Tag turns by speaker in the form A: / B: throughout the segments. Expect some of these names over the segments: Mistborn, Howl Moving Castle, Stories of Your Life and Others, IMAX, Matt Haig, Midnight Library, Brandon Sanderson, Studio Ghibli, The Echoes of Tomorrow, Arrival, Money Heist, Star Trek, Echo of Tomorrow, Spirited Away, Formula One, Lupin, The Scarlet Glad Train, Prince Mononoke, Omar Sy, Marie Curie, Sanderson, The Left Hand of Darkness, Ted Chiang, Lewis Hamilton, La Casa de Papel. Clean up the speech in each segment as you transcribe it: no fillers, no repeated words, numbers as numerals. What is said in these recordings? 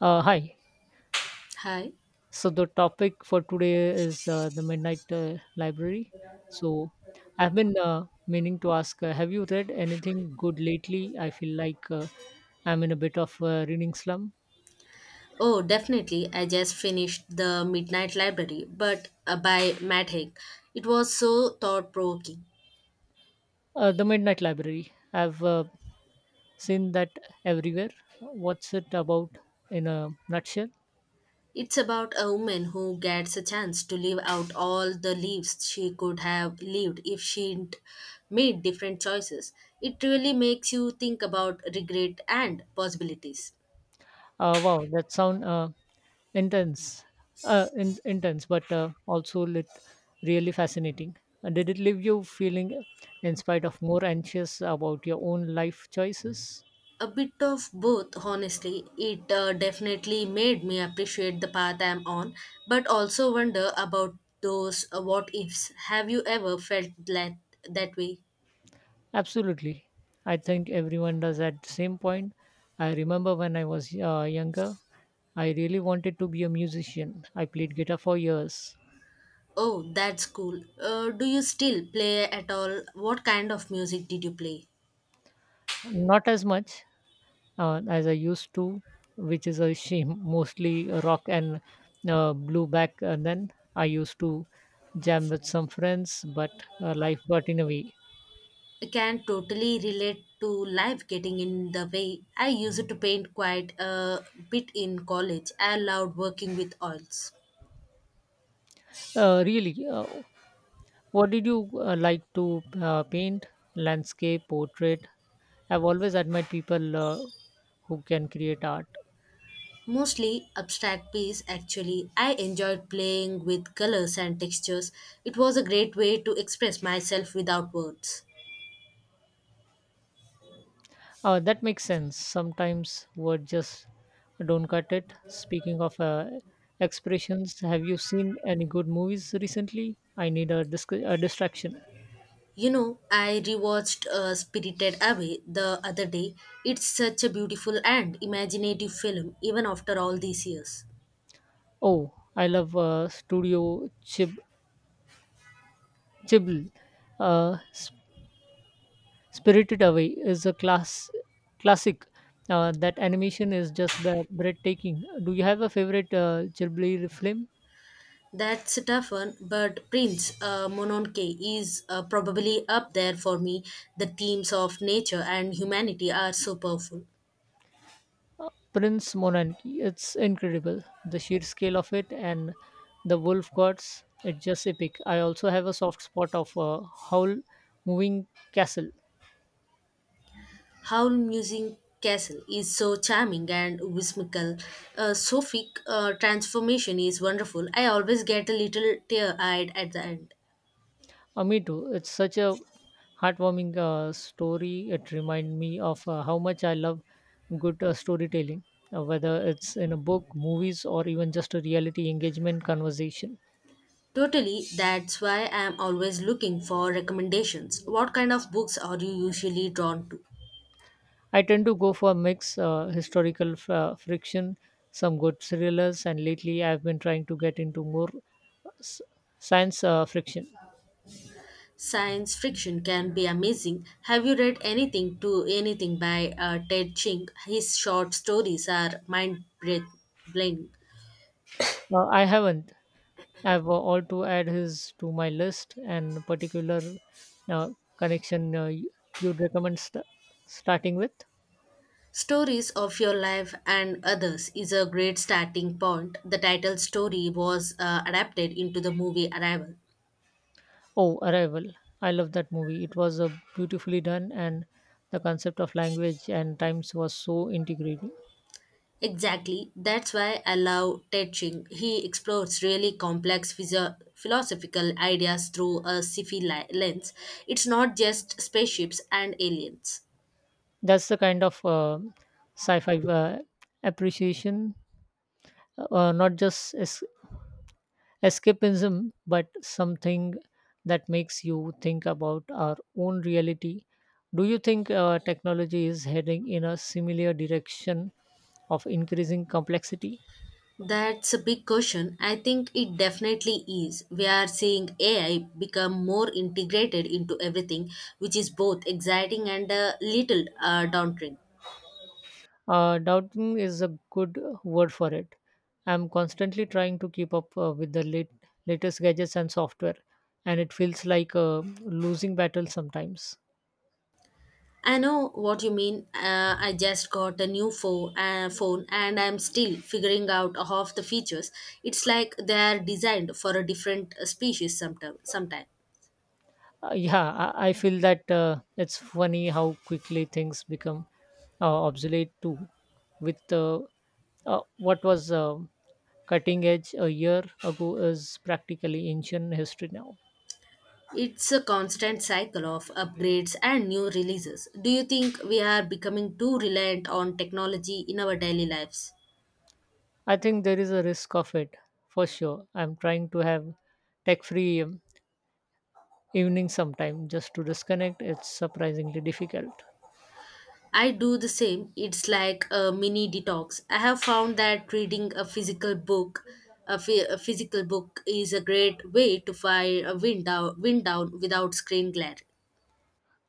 A: Hi.
B: Hi.
A: So the topic for today is the Midnight Library. So I've been meaning to ask, have you read anything good lately? I feel like I'm in a bit of a reading slum.
B: Oh, definitely. I just finished The Midnight Library, but by Matt Haig. It was so thought provoking.
A: The Midnight Library. I've seen that everywhere. What's it about in a nutshell?
B: It's about a woman who gets a chance to live out all the lives she could have lived if she'd made different choices. It really makes you think about regret and possibilities.
A: Wow, that sound intense, intense, but also lit, really fascinating. Did it leave you feeling, in spite of more anxious about your own life choices?
B: A bit of both, honestly. It definitely made me appreciate the path I'm on, but also wonder about those what ifs. Have you ever felt that way?
A: Absolutely. I think everyone does at the same point. I remember when I was younger, I really wanted to be a musician. I played guitar for years,
B: Oh, that's cool. Do you still play at all? What kind of music did you play?
A: not as much as I used to, which is a shame. Mostly rock and blue back then. I used to jam with some friends, but life got in a way.
B: I can totally relate to life getting in the way. I used to paint quite a bit in college. I loved working with oils.
A: Really, what did you like to paint? Landscape, portrait? I've always admired people who can create art.
B: Mostly abstract piece actually. I enjoyed playing with colors and textures. It was a great way to express myself without words.
A: That makes sense. Sometimes word just don't cut it. Speaking of expressions, have you seen any good movies recently? I need a distraction.
B: I rewatched Spirited Away the other day. It's such a beautiful and imaginative film even after all these years.
A: Oh, I love Studio Ghibli. Uh, S- Spirited Away is a classic. That animation is just breathtaking. Do you have a favorite Ghibli film?
B: That's a tough one, but Prince Mononke is probably up there for me. The themes of nature and humanity are so powerful.
A: Prince Mononoke. It's incredible. The sheer scale of it and the wolf gods. It's just epic. I also have a soft spot of Howl Moving Castle.
B: Howl Musing Castle is so charming and whimsical. Sophie transformation is wonderful. I always get a little tear eyed at the end.
A: Me too. It's such a heartwarming story. It reminded me of how much I love good storytelling, whether it's in a book, movies, or even just a reality engagement conversation.
B: Totally, that's why I'm always looking for recommendations. What kind of books are you usually drawn to?
A: I tend to go for a mix historical friction, some good thrillers, and lately I've been trying to get into more uh, s- science friction.
B: Science fiction can be amazing. Have you read anything by Ted Ching? His short stories are mind blowing.
A: I haven't. I've all to add his to my list and particular uh, connection you'd recommend starting with.
B: Stories of Your Life and Others is a great starting point. The title story was adapted into the movie Arrival.
A: Oh, Arrival. I love that movie. It was beautifully done, and the concept of language and times was so integrating.
B: Exactly, that's why I love Ted Ching. He explores really complex philosophical ideas through a sci-fi lens. It's not just spaceships and aliens.
A: That's the kind of sci fi appreciation, not just escapism, but something that makes you think about our own reality. Do you think technology is heading in a similar direction of increasing complexity?
B: That's a big question. I think it definitely is. We are seeing AI become more integrated into everything, which is both exciting and a little daunting.
A: Doubting is a good word for it. I'm constantly trying to keep up with the latest gadgets and software, and it feels like a losing battle sometimes.
B: I know what you mean. I just got a new phone, and I'm still figuring out half the features. It's like they are designed for a different species sometime.
A: Yeah, I feel that it's funny how quickly things become obsolete too. With What was cutting edge a year ago is practically ancient history now.
B: It's a constant cycle of upgrades and new releases. Do you think we are becoming too reliant on technology in our daily lives?
A: I think there is a risk of it for sure. I'm trying to have tech free evening sometime just to disconnect. It's surprisingly difficult.
B: I do the same. It's like a mini detox. I have found that reading a physical a physical book is a great way to fire a wind down without screen glare.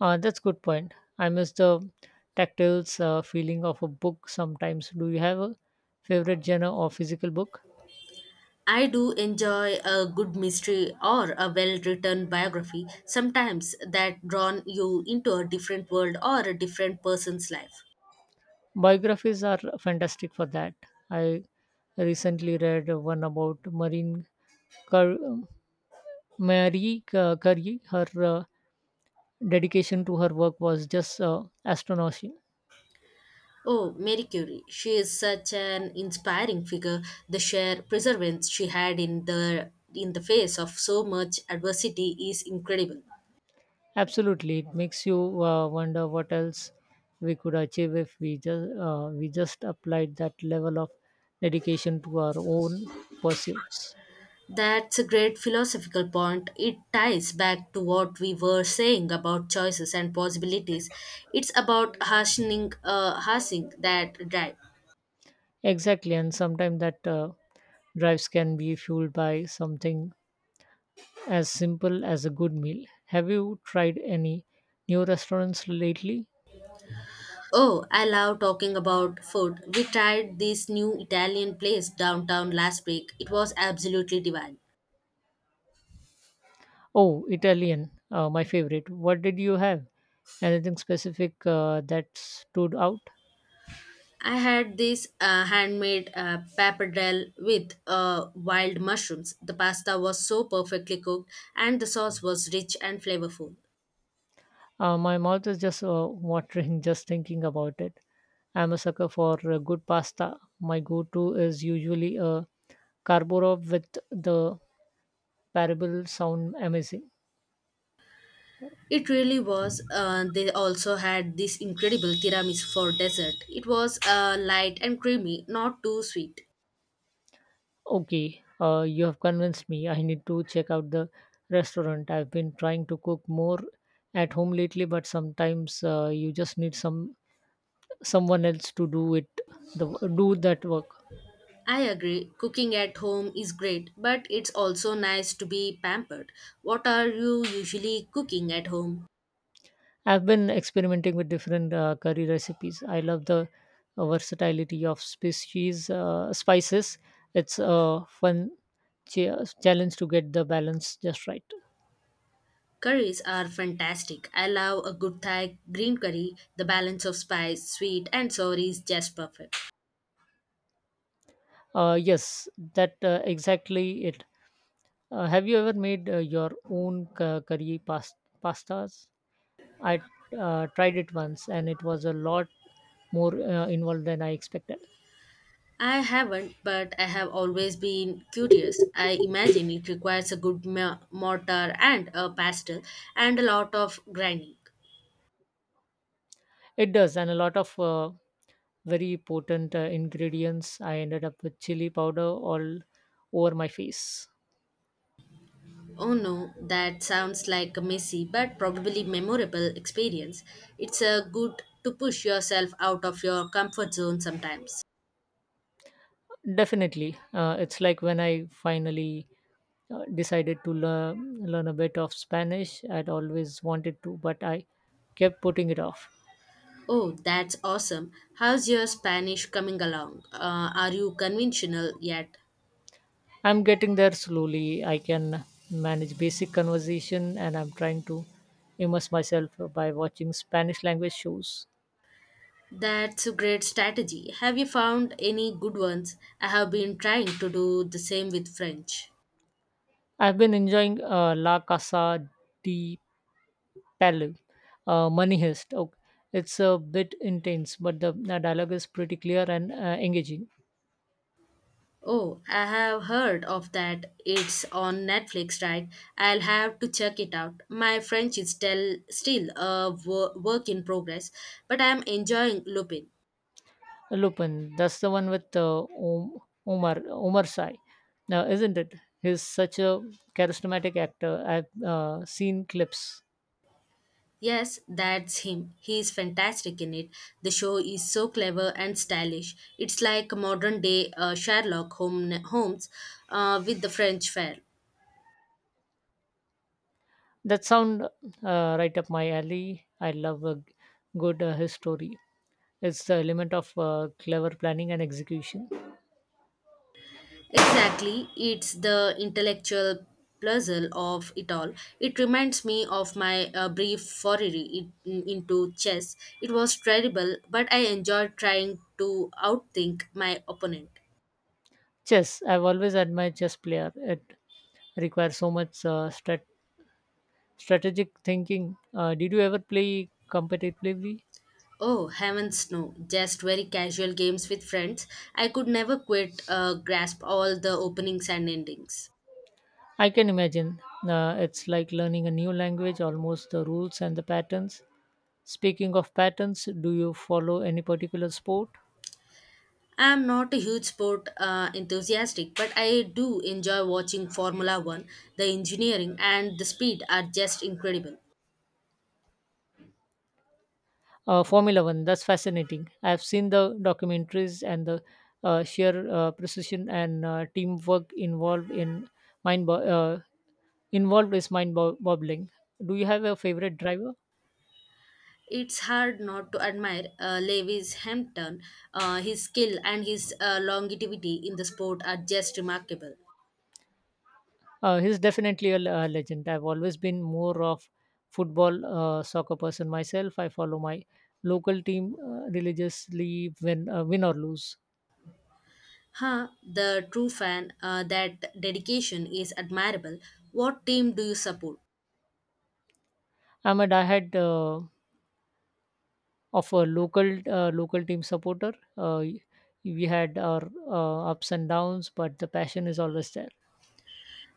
A: That's good point. I miss the tactile feeling of a book sometimes. Do you have a favorite genre or physical book?
B: I do enjoy a good mystery or a well written biography, sometimes that drawn you into a different world or a different person's life.
A: Biographies are fantastic for that. I recently read one about marine Cur- marie Cur- curie Her uh, dedication to her work was just astonishing.
B: Oh, Marie Curie. She is such an inspiring figure. The sheer perseverance she had in the face of so much adversity is incredible.
A: Absolutely, it makes you wonder what else we could achieve if we just applied that level of dedication to our own pursuits.
B: That's a great philosophical point. It ties back to what we were saying about choices and possibilities. It's about harnessing that drive.
A: Exactly, and sometimes that drives can be fueled by something as simple as a good meal. Have you tried any new restaurants lately?
B: Oh, I love talking about food. We tried this new Italian place downtown last week. It was absolutely divine.
A: Oh, Italian, my favorite. What did you have? Anything specific that stood out?
B: I had this handmade pappardelle with wild mushrooms. The pasta was so perfectly cooked, and the sauce was rich and flavorful.
A: My mouth is just watering just thinking about it. I'm a sucker for good pasta. My go-to is usually a carbonara with the parable sound amazing.
B: It really was. They also had this incredible tiramisu for dessert. It was light and creamy, not too sweet.
A: Okay, you have convinced me. I need to check out the restaurant. I've been trying to cook more at home lately, but sometimes you just need someone else to do it, the do that work.
B: I agree, cooking at home is great, but it's also nice to be pampered. What are you usually cooking at home?
A: I've been experimenting with different curry recipes. I love the versatility of species spices. It's a fun challenge to get the balance just right.
B: Curries are fantastic. I love a good Thai green curry. The balance of spice, sweet, and sour is just perfect.
A: Yes, that exactly it. Have you ever made your own pastas? I tried it once, and it was a lot more involved than I expected.
B: I haven't, but I have always been curious. I imagine it requires a good mortar and a pestle and a lot of grinding.
A: It does, and a lot of very potent ingredients. I ended up with chili powder all over my face.
B: Oh no, that sounds like a messy but probably memorable experience. It's a good to push yourself out of your comfort zone sometimes.
A: Definitely, it's like when I finally decided to learn a bit of Spanish. I'd always wanted to, but I kept putting it off.
B: Oh, that's awesome. How's your Spanish coming along? Are you conventional yet?
A: I'm getting there slowly. I can manage basic conversation, and I'm trying to immerse myself by watching Spanish language shows.
B: That's a great strategy. Have you found any good ones? I have been trying to do the same with French.
A: I've been enjoying La Casa de Parallel, Money Heist. Okay. It's a bit intense, but the dialogue is pretty clear and engaging.
B: Oh, I have heard of that. It's on Netflix, right? I'll have to check it out. My French is still a work in progress, but I'm enjoying Lupin.
A: Lupin, that's the one with Omar Sy, now isn't it? He's such a charismatic actor. I've seen clips
B: Yes, that's him. He is fantastic in it. The show is so clever and stylish. It's like a modern day Sherlock Holmes with the French flair.
A: that sound right up my alley. I love a good history. It's the element of clever planning and execution.
B: Exactly, it's the intellectual puzzle of it all. It reminds me of my brief foray into chess. It was terrible, but I enjoyed trying to outthink my opponent.
A: Chess. I've always admired chess player. It requires so much strategy strategic thinking. Did you ever play competitively?
B: Oh, heavens no. Just very casual games with friends. I could never quite grasp all the openings and endings.
A: I can imagine. It's like learning a new language, almost the rules and the patterns. Speaking of patterns, do you follow any particular sport?
B: I'm not a huge sport enthusiastic, but I do enjoy watching Formula One. The engineering and the speed are just incredible.
A: Formula One, that's fascinating. I've seen the documentaries and the sheer precision and teamwork mind bo- uh, involved is mind boggling. Do you have a favorite driver?
B: It's hard not to admire Lewis Hampton. His skill and his longevity in the sport are just remarkable.
A: He's definitely a legend. I've always been more of football, soccer person myself. I follow my local team religiously when win or lose.
B: Huh, the true that dedication is admirable. What team do you support?
A: I'm a diehard of a local team supporter. We had our ups and downs, but the passion is always there.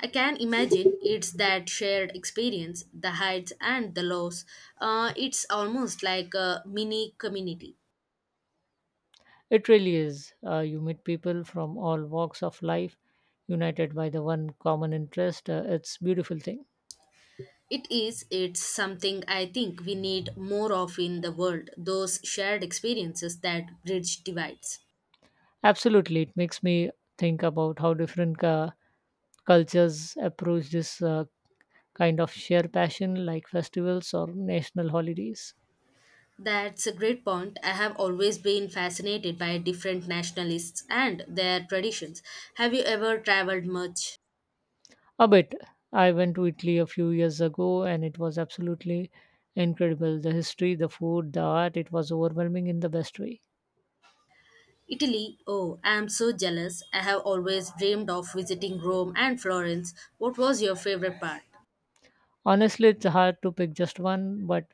B: I can imagine it's that shared experience, the heights and the lows. It's almost like a mini community.
A: It really is. You meet people from all walks of life, united by the one common interest. It's beautiful thing.
B: It is, it's something I think we need more of in the world, those shared experiences that bridge divides.
A: Absolutely, it makes me think about how different cultures approach this kind of shared passion, like festivals or national holidays.
B: That's a great point. I have always been fascinated by different nationalists and their traditions. Have you ever traveled much?
A: A bit. I went to Italy a few years ago, and it was absolutely incredible. The history, the food, the art, it was overwhelming in the best way.
B: Italy, oh, I am so jealous. I have always dreamed of visiting Rome and Florence. What was your favorite part?
A: Honestly, it's hard to pick just one, but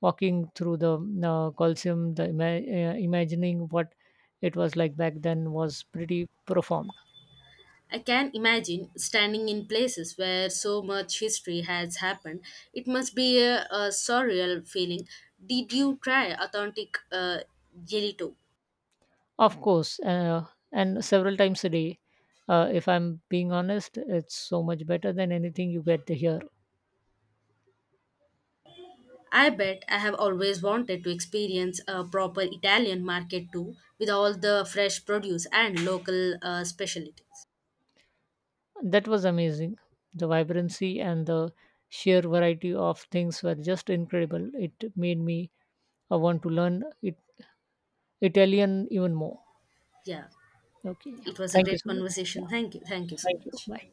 A: walking through the Colosseum, imagining what it was like back then was pretty profound.
B: I can imagine standing in places where so much history has happened. It must be a surreal feeling. Did you try authentic gelato?
A: Of course, and several times a day. If I'm being honest, it's so much better than anything you get here.
B: I bet I have always wanted to experience a proper Italian market too, with all the fresh produce and local specialties.
A: That was amazing. The vibrancy and the sheer variety of things were just incredible. It made me want to learn it, Italian even more.
B: Yeah,
A: Okay, yeah.
B: it was a
A: Thank you
B: great
A: so much. Yeah,
B: conversation. Thank you. Thank you so
A: thank you.
B: much.
A: Bye.